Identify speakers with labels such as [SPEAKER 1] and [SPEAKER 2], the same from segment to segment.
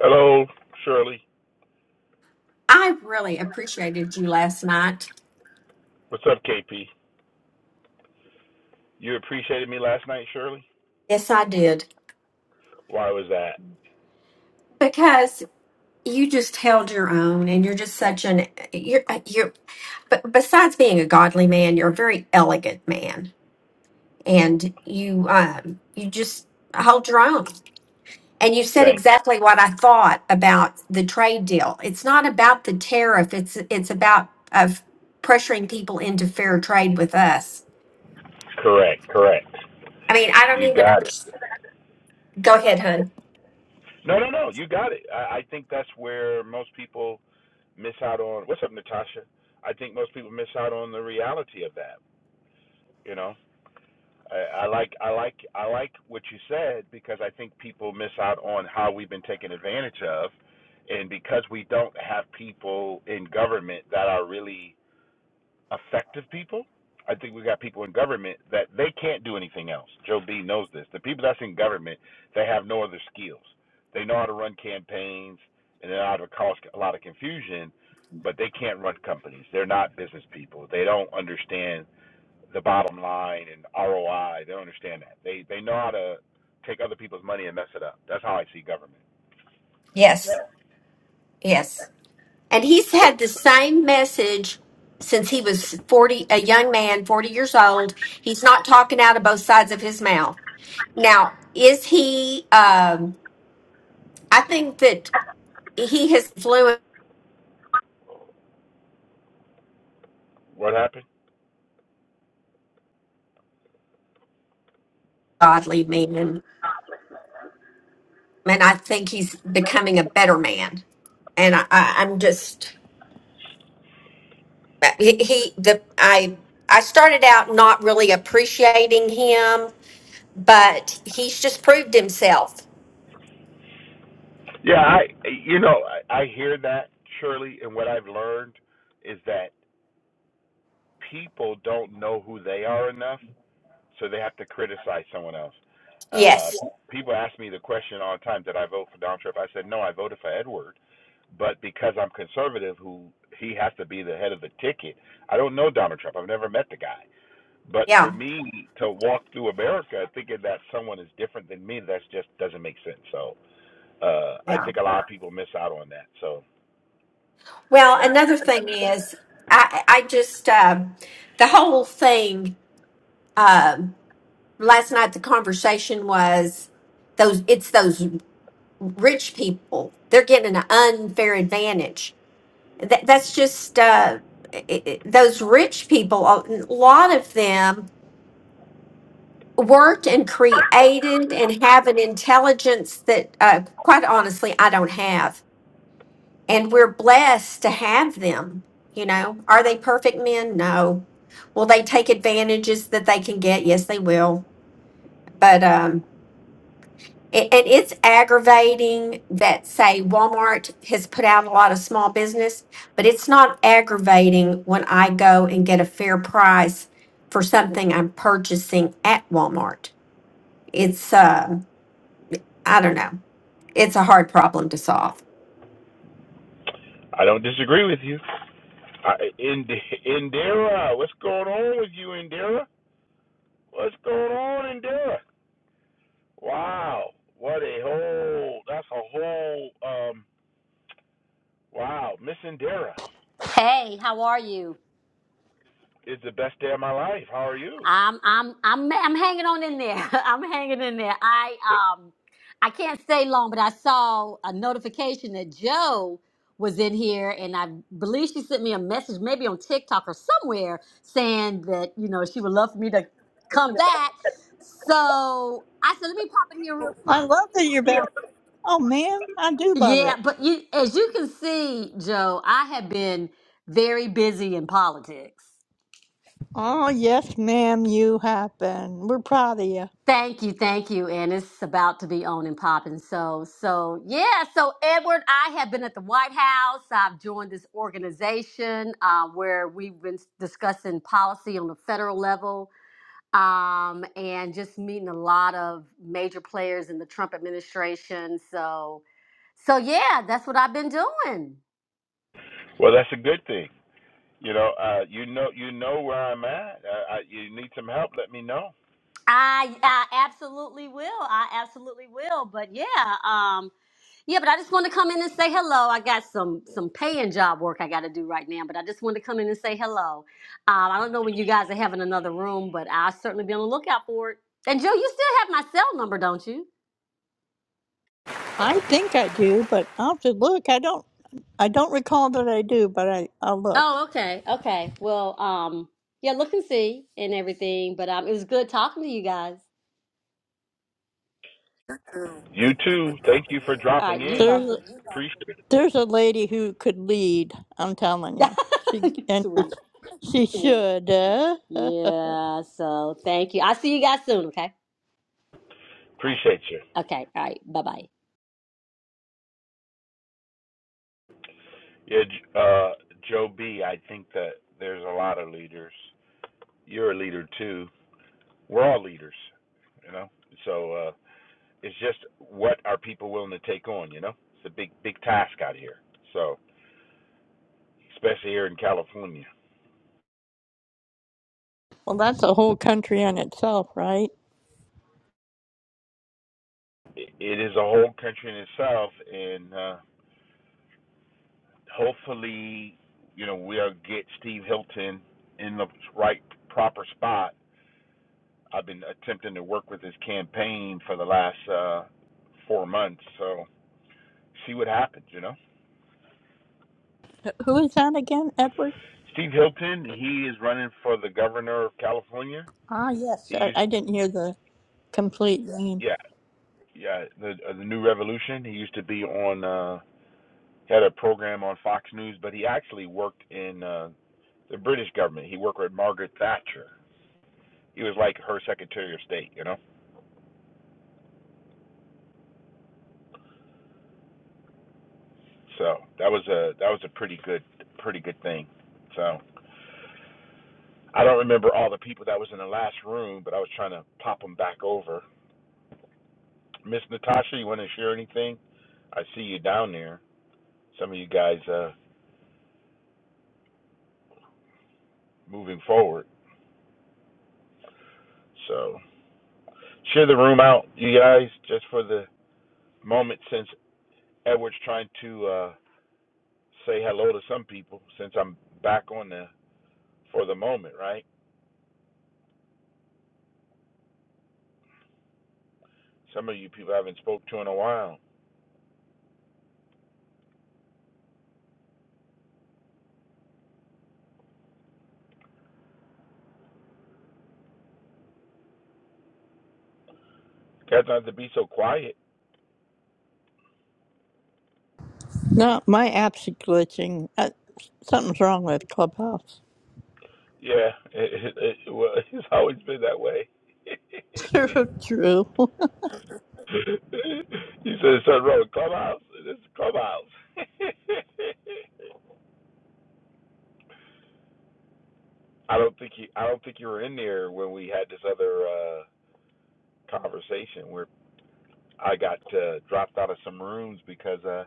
[SPEAKER 1] Hello, Shirley.
[SPEAKER 2] I really appreciated you last night.
[SPEAKER 1] What's up, KP? You appreciated me last night, Shirley?
[SPEAKER 2] Yes, I did.
[SPEAKER 1] Why was that?
[SPEAKER 2] Because you just held your own and you're just such an you're uh, you're but besides being a godly man, you're a very elegant man and you um you just hold your own. And you said
[SPEAKER 1] Thanks.
[SPEAKER 2] exactly what I thought about the trade deal. It's not about the tariff. It's it's about of pressuring people into fair trade with us.
[SPEAKER 1] Correct, correct.
[SPEAKER 2] I mean, I don't
[SPEAKER 1] You
[SPEAKER 2] even
[SPEAKER 1] got it.
[SPEAKER 2] understand. Go ahead, hun.
[SPEAKER 1] No, no, no. You got it. I, I think that's where most people miss out on. What's up, Natasha? I think most people miss out on the reality of that. You know, I, I like, I like, I like what you said because I think people miss out on how we've been taken advantage of, and because we don't have people in government that are really effective people. I think we got people in government that they can't do anything else. Joe B knows this. The people that's in government, they have no other skills. They know how to run campaigns and they know how to cause a lot of confusion, but they can't run companies. They're not business people. They don't understand the bottom line and ROI. They don't understand that. They they know how to take other people's money and mess it up. That's how I see government.
[SPEAKER 2] Yes. Yes. And he's had the same message since he was 40, a young man, 40 years old. He's not talking out of both sides of his mouth. Now, is he, um, I think that he has fluent
[SPEAKER 1] What happened?
[SPEAKER 2] godly men, and I think he's becoming a better man. And I, I, I'm just, he, he, the, I, I started out not really appreciating him, but he's just proved himself.
[SPEAKER 1] Yeah, I you know I, I hear that Shirley, and what I've learned is that people don't know who they are enough, so they have to criticize someone else. Uh,
[SPEAKER 2] Yes.
[SPEAKER 1] people ask me the question all the time, did I vote for Donald Trump? I said, no, I voted for Edward. But because I'm conservative, who he has to be the head of the ticket. I don't know Donald Trump. I've never met the guy. But for
[SPEAKER 2] Yeah.
[SPEAKER 1] me to walk through America thinking that someone is different than me, that just doesn't make sense. So uh, I
[SPEAKER 2] Yeah.
[SPEAKER 1] think a lot of people miss out on that. So
[SPEAKER 2] Well, another thing is, I, I just, um the whole thing um last night, the conversation was those, it's those rich people. They're getting an unfair advantage. That, that's just, uh, i i those rich people, a lot of them worked and created and have an intelligence that, uh, quite honestly, I don't have. and we're blessed to have them. You know, are they perfect men? No. Will they take advantages that they can get? Yes, they will. But um, it, and it's aggravating that say Walmart has put out a lot of small business, but it's not aggravating when I go and get a fair price for something I'm purchasing at Walmart. It's uh, I don't know. It's a hard problem to solve.
[SPEAKER 1] I don't disagree with you. I, Ind- Indira, what's going on with you, Indira? What's going on in Derek? Wow, what a whole that's a whole um wow, missing Dara
[SPEAKER 3] Hey, how are you?
[SPEAKER 1] is the best day of my life. How are you?
[SPEAKER 3] I'm I'm I'm I'm hanging on in there. I'm hanging in there. I um I can't stay long, but I saw a notification that Joe was in here and I believe she sent me a message maybe on TikTok or somewhere saying that, you know, she would love for me to come back. So I said, let me pop in here real
[SPEAKER 4] I love that you're back. Oh, ma'am, I do love
[SPEAKER 3] Yeah,
[SPEAKER 4] it.
[SPEAKER 3] but you as you can see, Joe, I have been very busy in politics.
[SPEAKER 4] Oh, yes, ma'am, you have been. We're proud of you.
[SPEAKER 3] Thank you, thank you. And it's about to be on and popping. So, so yeah. So, Edward, I have been at the White House. I've joined this organization uh, where we've been discussing policy on the federal level um, and just meeting a lot of major players in the Trump administration. So, so yeah, that's what I've been doing.
[SPEAKER 1] Well, that's a good thing. You know, uh you know you know where I'm at. Uh, I, you need some help, let me know.
[SPEAKER 3] I, I absolutely will. I absolutely will. But yeah, um, yeah, but I just want to come in and say hello. I got some some paying job work I got to do right now, but I just want to come in and say hello. Um, I don't know when you guys are having another room, but I'll certainly be on the lookout for it. And Joe, you still have my cell number, don't you?
[SPEAKER 4] I think I do, but I'll have to look. I don't. I don't recall that I do, but I, I'll look.
[SPEAKER 3] Oh, okay, okay. Well, um, yeah, look and see and everything. But um, it was good talking to you guys.
[SPEAKER 1] You too. Thank you for
[SPEAKER 3] All
[SPEAKER 1] dropping
[SPEAKER 3] right, you
[SPEAKER 1] in.
[SPEAKER 4] There's a,
[SPEAKER 3] welcome.
[SPEAKER 1] Appreciate
[SPEAKER 4] there's a lady who could lead. I'm telling you, she and
[SPEAKER 3] Sweet.
[SPEAKER 4] she should. Uh, uh.
[SPEAKER 3] Yeah. So thank you. I'll see you guys soon. Okay. All
[SPEAKER 1] appreciate you.
[SPEAKER 3] right. Okay. All right. Bye bye.
[SPEAKER 1] Yeah, uh Joe B, I think that there's a lot of leaders. You're a leader too. We're all leaders, you know. So uh It's just what are people willing to take on? You know, it's a big big task out here. So especially here in California,
[SPEAKER 4] well, that's a whole country in itself, right?
[SPEAKER 1] it, it is a whole country in itself, and uh, hopefully, you know, we'll get Steve Hilton in the right proper spot. I've been attempting to work with his campaign for the last uh, four months, so see what happens. You know,
[SPEAKER 4] Who is that again, Edward?
[SPEAKER 1] Steve Hilton, he is running for the governor of California.
[SPEAKER 4] Ah, yes,
[SPEAKER 1] He
[SPEAKER 4] I,
[SPEAKER 1] used,
[SPEAKER 4] I
[SPEAKER 1] to,
[SPEAKER 4] didn't hear the complete name.
[SPEAKER 1] yeah, yeah, the uh, the New Revolution. He used to be on uh he had a program on Fox News, but he actually worked in uh the British government. He worked with Margaret Thatcher. He was like her Secretary of State, you know. So that was a that was a pretty good pretty good thing. So I don't remember all the people that was in the last room, but I was trying to pop them back over. Miss Natasha, you want to share anything? I see you down there. Some of you guys uh moving forward. So share the room out, you guys, just for the moment since Edward's trying to uh, say hello to some people since I'm back on the for the moment, right? Some of you people I haven't spoke to in a while. Guys, not to be so quiet.
[SPEAKER 4] No, my apps are glitching. Uh, something's wrong with Clubhouse.
[SPEAKER 1] Yeah, it, it, it, well, it's always been that way.
[SPEAKER 4] True, true.
[SPEAKER 1] he said something wrong with clubhouse. This is clubhouse. I don't think you. I don't think you were in there when we had this other uh, conversation. where I got uh, dropped out of some rooms because uh,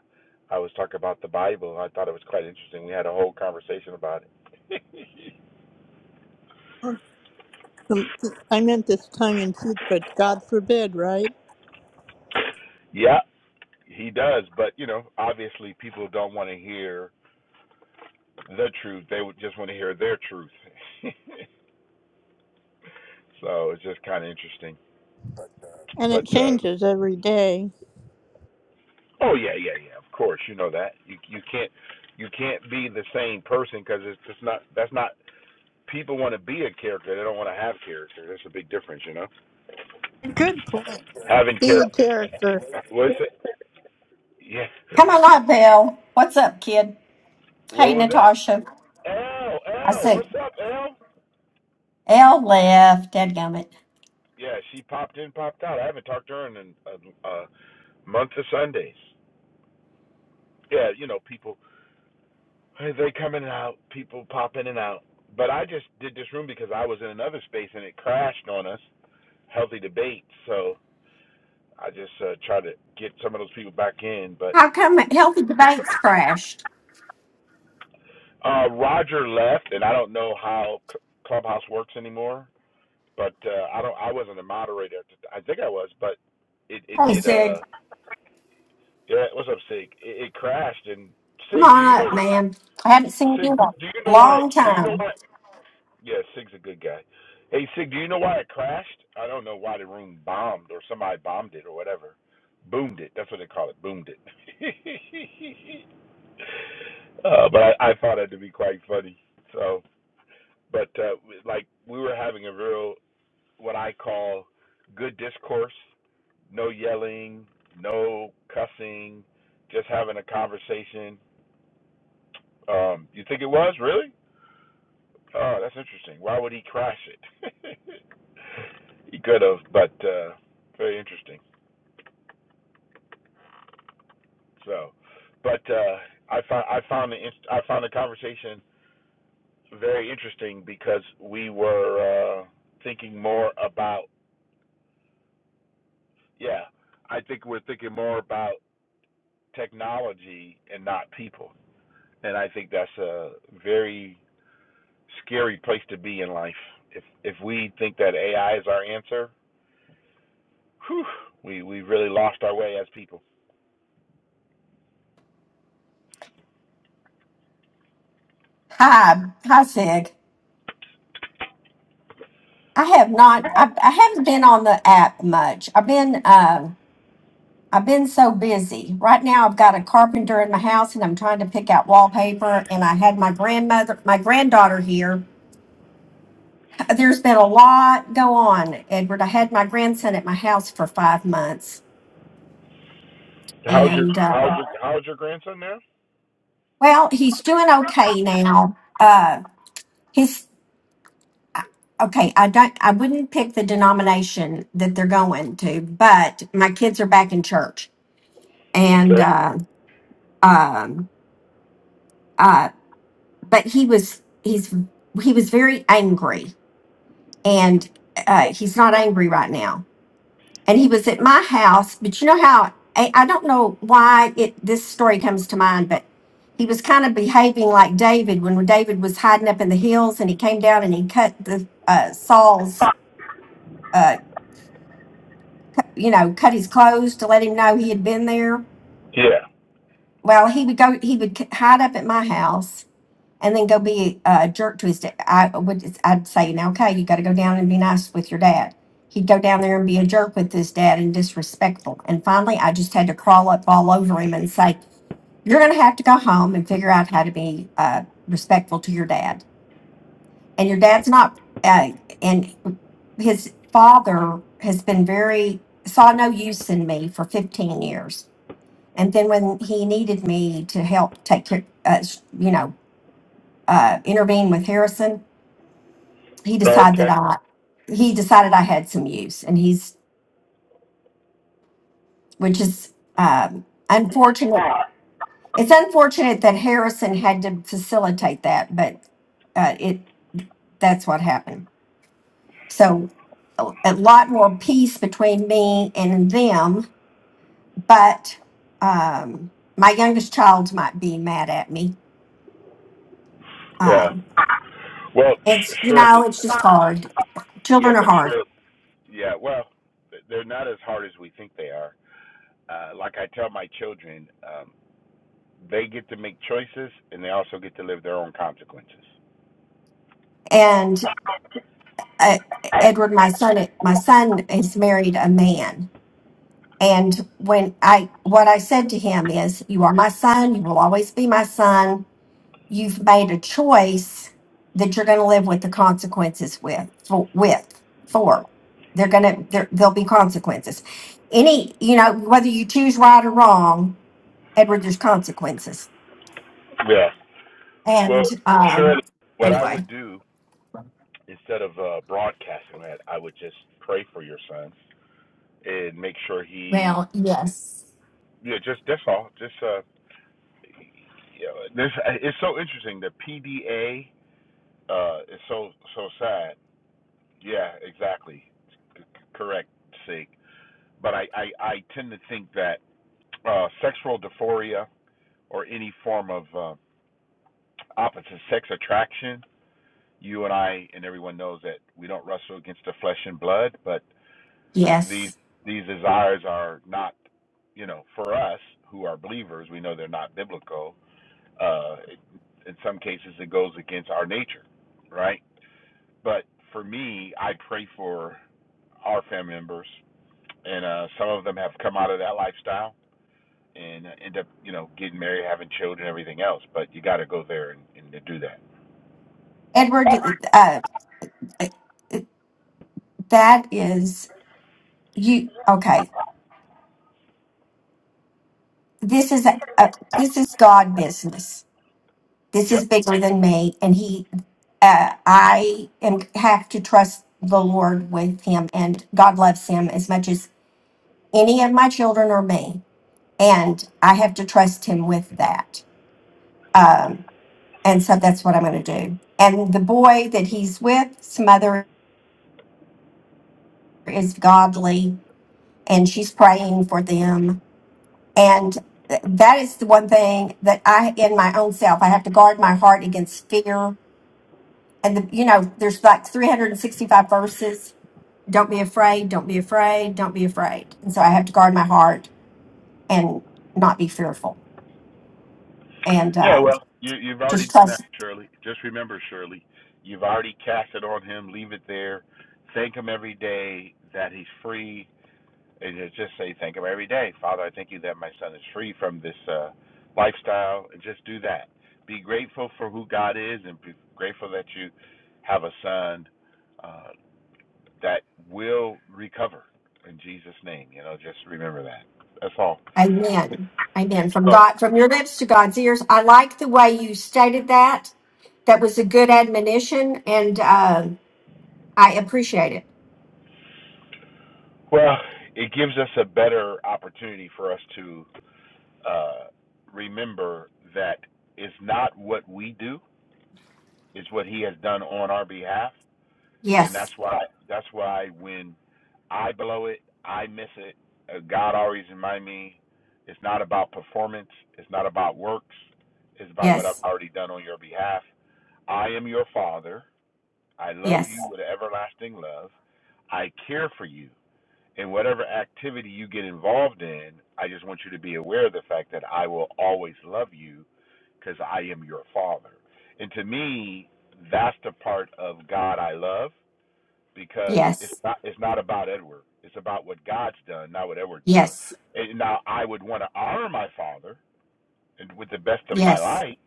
[SPEAKER 1] I was talking about the Bible. I thought it was quite interesting. We had a whole conversation about it.
[SPEAKER 4] I meant this tongue in cheek, but God forbid, right?
[SPEAKER 1] Yeah, he does, but you know, obviously people don't want to hear the truth. They would just want to hear their truth. so it's just kind of interesting.
[SPEAKER 4] And it
[SPEAKER 1] But uh,
[SPEAKER 4] changes every day.
[SPEAKER 1] oh yeah, yeah, yeah. Of course, you know that. You you can't you can't be the same person because it's just not. That's not. People want to be a character. They don't want to have character. There's a big difference, you know.
[SPEAKER 4] Good point.
[SPEAKER 1] Having
[SPEAKER 4] Be a
[SPEAKER 1] character.
[SPEAKER 4] character.
[SPEAKER 1] What's it? Yeah.
[SPEAKER 2] Come on up, Bill. What's up, kid?
[SPEAKER 1] Where
[SPEAKER 2] Hey,
[SPEAKER 1] was that?
[SPEAKER 2] Natasha.
[SPEAKER 1] L,
[SPEAKER 2] I
[SPEAKER 1] L,
[SPEAKER 2] said,
[SPEAKER 1] what's up, L?
[SPEAKER 2] L left. Dadgummit.
[SPEAKER 1] Yeah, she popped in, popped out. I haven't talked to her in a, a, month of Sundays. Yeah, you know, people, they come in and out, people pop in and out. But I just did this room because I was in another space and it crashed on us, healthy debate. So I just uh, tried to get some of those people back in. But
[SPEAKER 2] How come Healthy Debates crashed?
[SPEAKER 1] uh, Roger left, and I don't know how Clubhouse works anymore. But uh, I don't, I wasn't a moderator. I think I was, but it, it,
[SPEAKER 2] Hey,
[SPEAKER 1] it, uh,
[SPEAKER 2] Sig.
[SPEAKER 1] Yeah, what's up, Sig? It, it crashed, and
[SPEAKER 2] Come
[SPEAKER 1] Sig, do
[SPEAKER 2] on
[SPEAKER 1] you know?
[SPEAKER 2] up, man. I haven't seen
[SPEAKER 1] Sig,
[SPEAKER 2] you in a
[SPEAKER 1] do you know why?
[SPEAKER 2] long
[SPEAKER 1] Do you know
[SPEAKER 2] time.
[SPEAKER 1] why? Yeah, Sig's a good guy. Hey, Sig, do you know why it crashed? I don't know why the room bombed or somebody bombed it or whatever. Boomed it. That's what they call it. Boomed it. uh, but I, I found that to be quite funny. So, but uh, like we were having a real what I call good discourse. No yelling. No cussing. Just having a conversation Um, you think it was really? Oh, that's interesting. Why would he crash it? he could have, but uh, very interesting. So, but uh, I found I found the I found the conversation very interesting because we were uh, thinking more about yeah. I think we're thinking more about technology and not people, and I think that's a very scary place to be in life. If if we think that AI is our answer, Whew, we we really lost our way as people.
[SPEAKER 2] Hi. Hi, Sig. I have not, I, I haven't been on the app much. I've been, uh, I've been so busy. Right now, I've got a carpenter in my house and I'm trying to pick out wallpaper. And I had my grandmother, my granddaughter here. There's been a lot go on, Edward. I had my grandson at my house for five months.
[SPEAKER 1] How's your
[SPEAKER 2] And, uh,
[SPEAKER 1] how's your how's your grandson now?
[SPEAKER 2] Well, he's doing okay now. Uh, his okay. I don't. I wouldn't pick the denomination that they're going to, but my kids are back in church, and
[SPEAKER 1] Okay.
[SPEAKER 2] uh, um, uh, but he was he's he was very angry, and uh, he's not angry right now and he was at my house. But you know how I, I don't know why it this story comes to mind, but he was kind of behaving like David when David was hiding up in the hills, and he came down and he cut the uh, Saul's, uh, you know, cut his clothes to let him know he had been there.
[SPEAKER 1] Yeah.
[SPEAKER 2] Well, he would go. He would c- hide up at my house, and then go be a jerk to his dad. I would, I'd say, now, okay, you got to go down and be nice with your dad. He'd go down there and be a jerk with his dad and disrespectful. And finally, I just had to crawl up all over him and say, you're going to have to go home and figure out how to be uh, respectful to your dad. And your dad's not, uh, and his father has been very, saw no use in me for 15 years. And then when he needed me to help take care, uh, you know, uh, intervene with Harrison, he
[SPEAKER 1] Oh,
[SPEAKER 2] decided that
[SPEAKER 1] okay.
[SPEAKER 2] I he decided I had some use, and he's which is um, unfortunate. It's unfortunate that Harrison had to facilitate that, but uh, it that's what happened. So a, a lot more peace between me and them, but um, my youngest child might be mad at me.
[SPEAKER 1] Yeah.
[SPEAKER 2] Um,
[SPEAKER 1] Well, sh-
[SPEAKER 2] it's you
[SPEAKER 1] surely.
[SPEAKER 2] know it's just hard.
[SPEAKER 1] Yeah,
[SPEAKER 2] Children are
[SPEAKER 1] but
[SPEAKER 2] hard,
[SPEAKER 1] sure. Yeah. Well, they're not as hard as we think they are. Uh, like I tell my children, um, they get to make choices and they also get to live their own consequences.
[SPEAKER 2] and uh, Edward, my son, my son is married a man, And when I, what I said to him is, you are my son. You will always be my son. You've made a choice that you're going to live with the consequences with, for, with, for. They're going to, there, there'll be consequences. Any, you know, whether you choose right or wrong, Edward, there's consequences.
[SPEAKER 1] Yeah. Well,
[SPEAKER 2] And, um,
[SPEAKER 1] surely. What I would
[SPEAKER 2] anyway,
[SPEAKER 1] do instead of uh, broadcasting that, I would just pray for your son and make sure he
[SPEAKER 2] Well, yes.
[SPEAKER 1] Yeah, just that's all. Just uh, yeah, this it's so interesting. The PDA uh is so so sad. Yeah, exactly. C- Correct, sake. But I I I tend to think that uh sexual dysphoria or any form of uh, opposite sex attraction. You and I and everyone knows that we don't wrestle against the flesh and blood, but these
[SPEAKER 2] yes,
[SPEAKER 1] these desires are not, you know, for us who are believers, we know they're not biblical Uh, it, in some cases, it goes against our nature, right? But for me, I pray for our family members, and uh, some of them have come out of that lifestyle and uh, end up, you know, getting married, having children, everything else. But you got to go there and, and to do that.
[SPEAKER 2] Edward, uh, that is you. Okay. This is, a, a, this is God business This is
[SPEAKER 1] Yep.
[SPEAKER 2] bigger than me, and he, uh, I am have to trust the Lord with him, and God loves him as much as any of my children or me, and I have to trust him with that, and so that's what I'm going to do. And the boy that he's with, his mother is godly, and she's praying for them, and th- that is the one thing that I, in my own self, I have to guard my heart against fear. And the, you know, there's like 365 verses don't be afraid, don't be afraid, don't be afraid. And so I have to guard my heart and not be fearful and
[SPEAKER 1] Yeah.
[SPEAKER 2] um,
[SPEAKER 1] Well, you, you've already
[SPEAKER 2] just
[SPEAKER 1] done that,
[SPEAKER 2] trust.
[SPEAKER 1] Shirley. Just remember, Shirley, you've already cast it on him. Leave it there. Thank him every day that he's free And just say thank him every day. Father, I thank you that my son is free from this uh, lifestyle. And just do that. Be grateful for who God is and be grateful that you have a son uh, that will recover in Jesus' name. You know, just remember that. That's all.
[SPEAKER 2] Amen. Amen. From God, from your lips to God's ears. I like the way you stated that. That was a good admonition, and um, I appreciate it.
[SPEAKER 1] Well, it gives us a better opportunity for us to uh, remember that it's not what we do, it's what He has done on our behalf and that's
[SPEAKER 2] Yes,
[SPEAKER 1] why that's why when I blow it, I miss it. Uh, God always remind me, it's not about performance, it's not about works, it's about what I've
[SPEAKER 2] yes,
[SPEAKER 1] already done on your behalf. I am your father. I love you
[SPEAKER 2] yes,
[SPEAKER 1] with an everlasting love. I care for you. And whatever activity you get involved in, I just want you to be aware of the fact that I will always love you because I am your father. And to me, that's the part of God I love because it's
[SPEAKER 2] yes,
[SPEAKER 1] not it's not about Edward. It's about what God's done, not what Edward's done.
[SPEAKER 2] yes,
[SPEAKER 1] And now I would want to honor my father and with the best of my
[SPEAKER 2] yes.
[SPEAKER 1] light,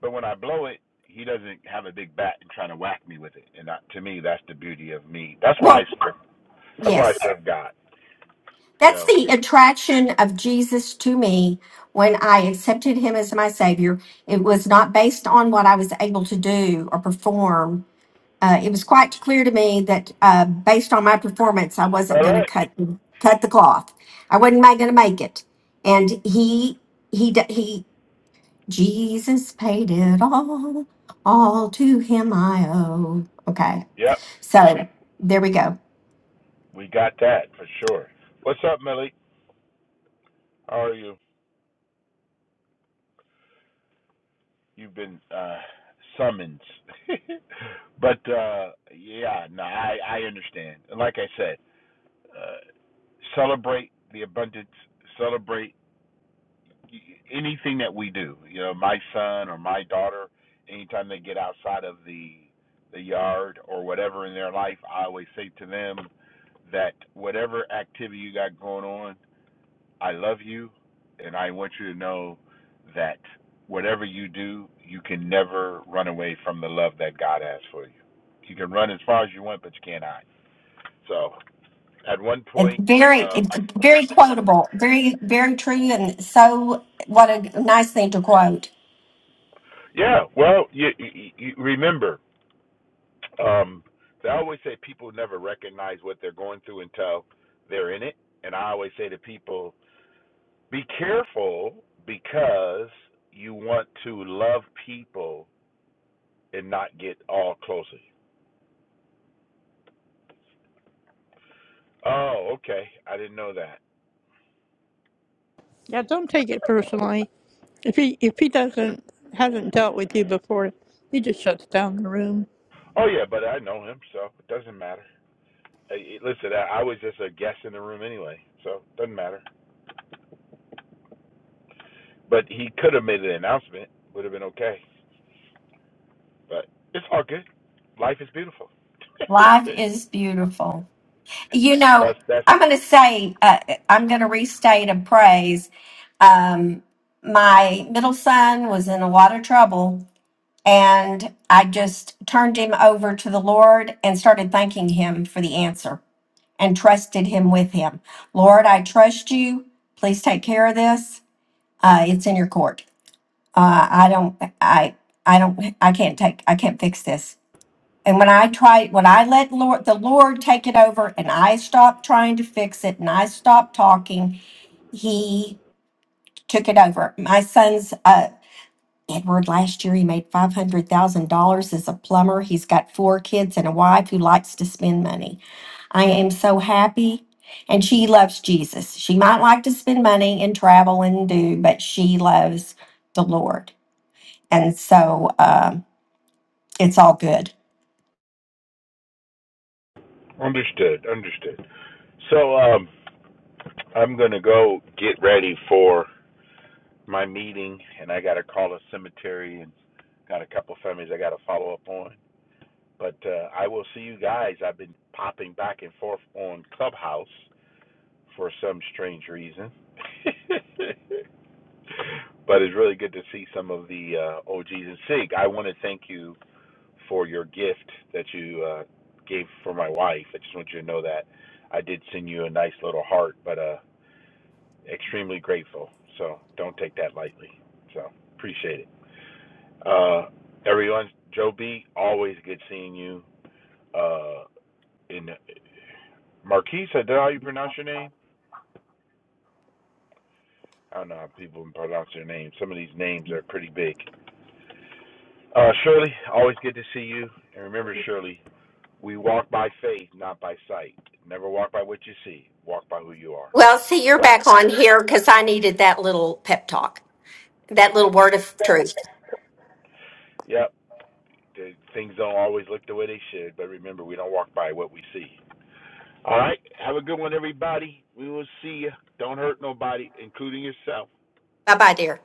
[SPEAKER 1] but when I blow it, he doesn't have a big bat and trying to whack me with it. And that, to me, that's the beauty of me. That's why I
[SPEAKER 2] Well,
[SPEAKER 1] serve. That's why I
[SPEAKER 2] yes.
[SPEAKER 1] serve God. You
[SPEAKER 2] That's
[SPEAKER 1] know.
[SPEAKER 2] the attraction of Jesus to me when I accepted him as my savior. It was not based on what I was able to do or perform. Uh, it was quite clear to me that uh, based on my performance, I wasn't
[SPEAKER 1] All
[SPEAKER 2] going to
[SPEAKER 1] right.
[SPEAKER 2] cut cut the cloth. I wasn't going to make it. And he he d- he Jesus paid it all. All to him I owe. Okay,
[SPEAKER 1] Yep,
[SPEAKER 2] so there we go.
[SPEAKER 1] we got that for sure. What's up, Millie? How are you? You've been uh summoned. but uh yeah, no, I I understand. And like I said. uh, celebrate the abundance, celebrate anything that we do. You know, my son or my daughter, anytime they get outside of the the yard or whatever in their life, I always say to them that whatever activity you got going on, I love you, and I want you to know that whatever you do, you can never run away from the love that God has for you. You can run as far as you want, but you can't hide. So, at one
[SPEAKER 2] It-
[SPEAKER 1] point.
[SPEAKER 2] very
[SPEAKER 1] uh,
[SPEAKER 2] it's very quotable very very true and so what a nice thing to quote
[SPEAKER 1] Yeah, well, you, you, you remember, um, they always say people never recognize what they're going through until they're in it, and I always say to people, be careful because you want to love people and not get all closely. Oh, okay, I didn't know that.
[SPEAKER 4] Yeah, don't take it personally. If he if he doesn't hasn't dealt with you before, he just shuts down the room.
[SPEAKER 1] Oh yeah, but I know him, so it doesn't matter. Hey, hey, Listen, I I was just a guest in the room anyway, so it doesn't matter. But he could have made an announcement, would have been okay. But it's all good. Life is beautiful.
[SPEAKER 2] life is beautiful you know
[SPEAKER 1] That's that's
[SPEAKER 2] i'm going to say uh, i'm going to restate a praise um, my middle son was in a lot of trouble and i just turned him over to the lord and started thanking him for the answer and trusted him with him lord i trust you please take care of this uh, it's in your court uh, I don't, I, I don't, I can't take, I can't fix this. And when I try, when I let Lord, the Lord take it over and I stopped trying to fix it and I stopped talking, he took it over. My son's, uh, Edward last year, he made $500,000 as a plumber. He's got four kids and a wife who likes to spend money. I am so happy. And she loves Jesus. She might like to spend money and travel and do, but she loves the Lord. And so um, it's all good.
[SPEAKER 1] understood. Understood. So um, I'm gonna go get ready for my meeting, and I gotta call a cemetery and got a couple families I gotta follow up on. But uh, I will see you guys. I've been popping back and forth on Clubhouse for some strange reason. but it's really good to see some of the uh, OGs and Sig. I want to thank you for your gift that you uh, gave for my wife. I just want you to know that I did send you a nice little heart, but uh, extremely grateful. So don't take that lightly. So appreciate it. Uh, everyone, Joe B, always good seeing you. Uh, in Marquise, is that how you pronounce your name? I don't know how people pronounce their names. Some of these names are pretty big. Uh, Shirley, always good to see you. And remember, Shirley, we walk by faith, not by sight. Never walk by what you see. Walk by who you are.
[SPEAKER 2] Well, see, you're back on here because I needed that little pep talk, that
[SPEAKER 1] Yeah.
[SPEAKER 2] little word of truth.
[SPEAKER 1] Yep. The, things don't always look the way they should, but remember, we don't walk by what we see. All right. Have a good one, everybody. We will see you. Don't hurt nobody, including yourself.
[SPEAKER 2] Bye bye, dear.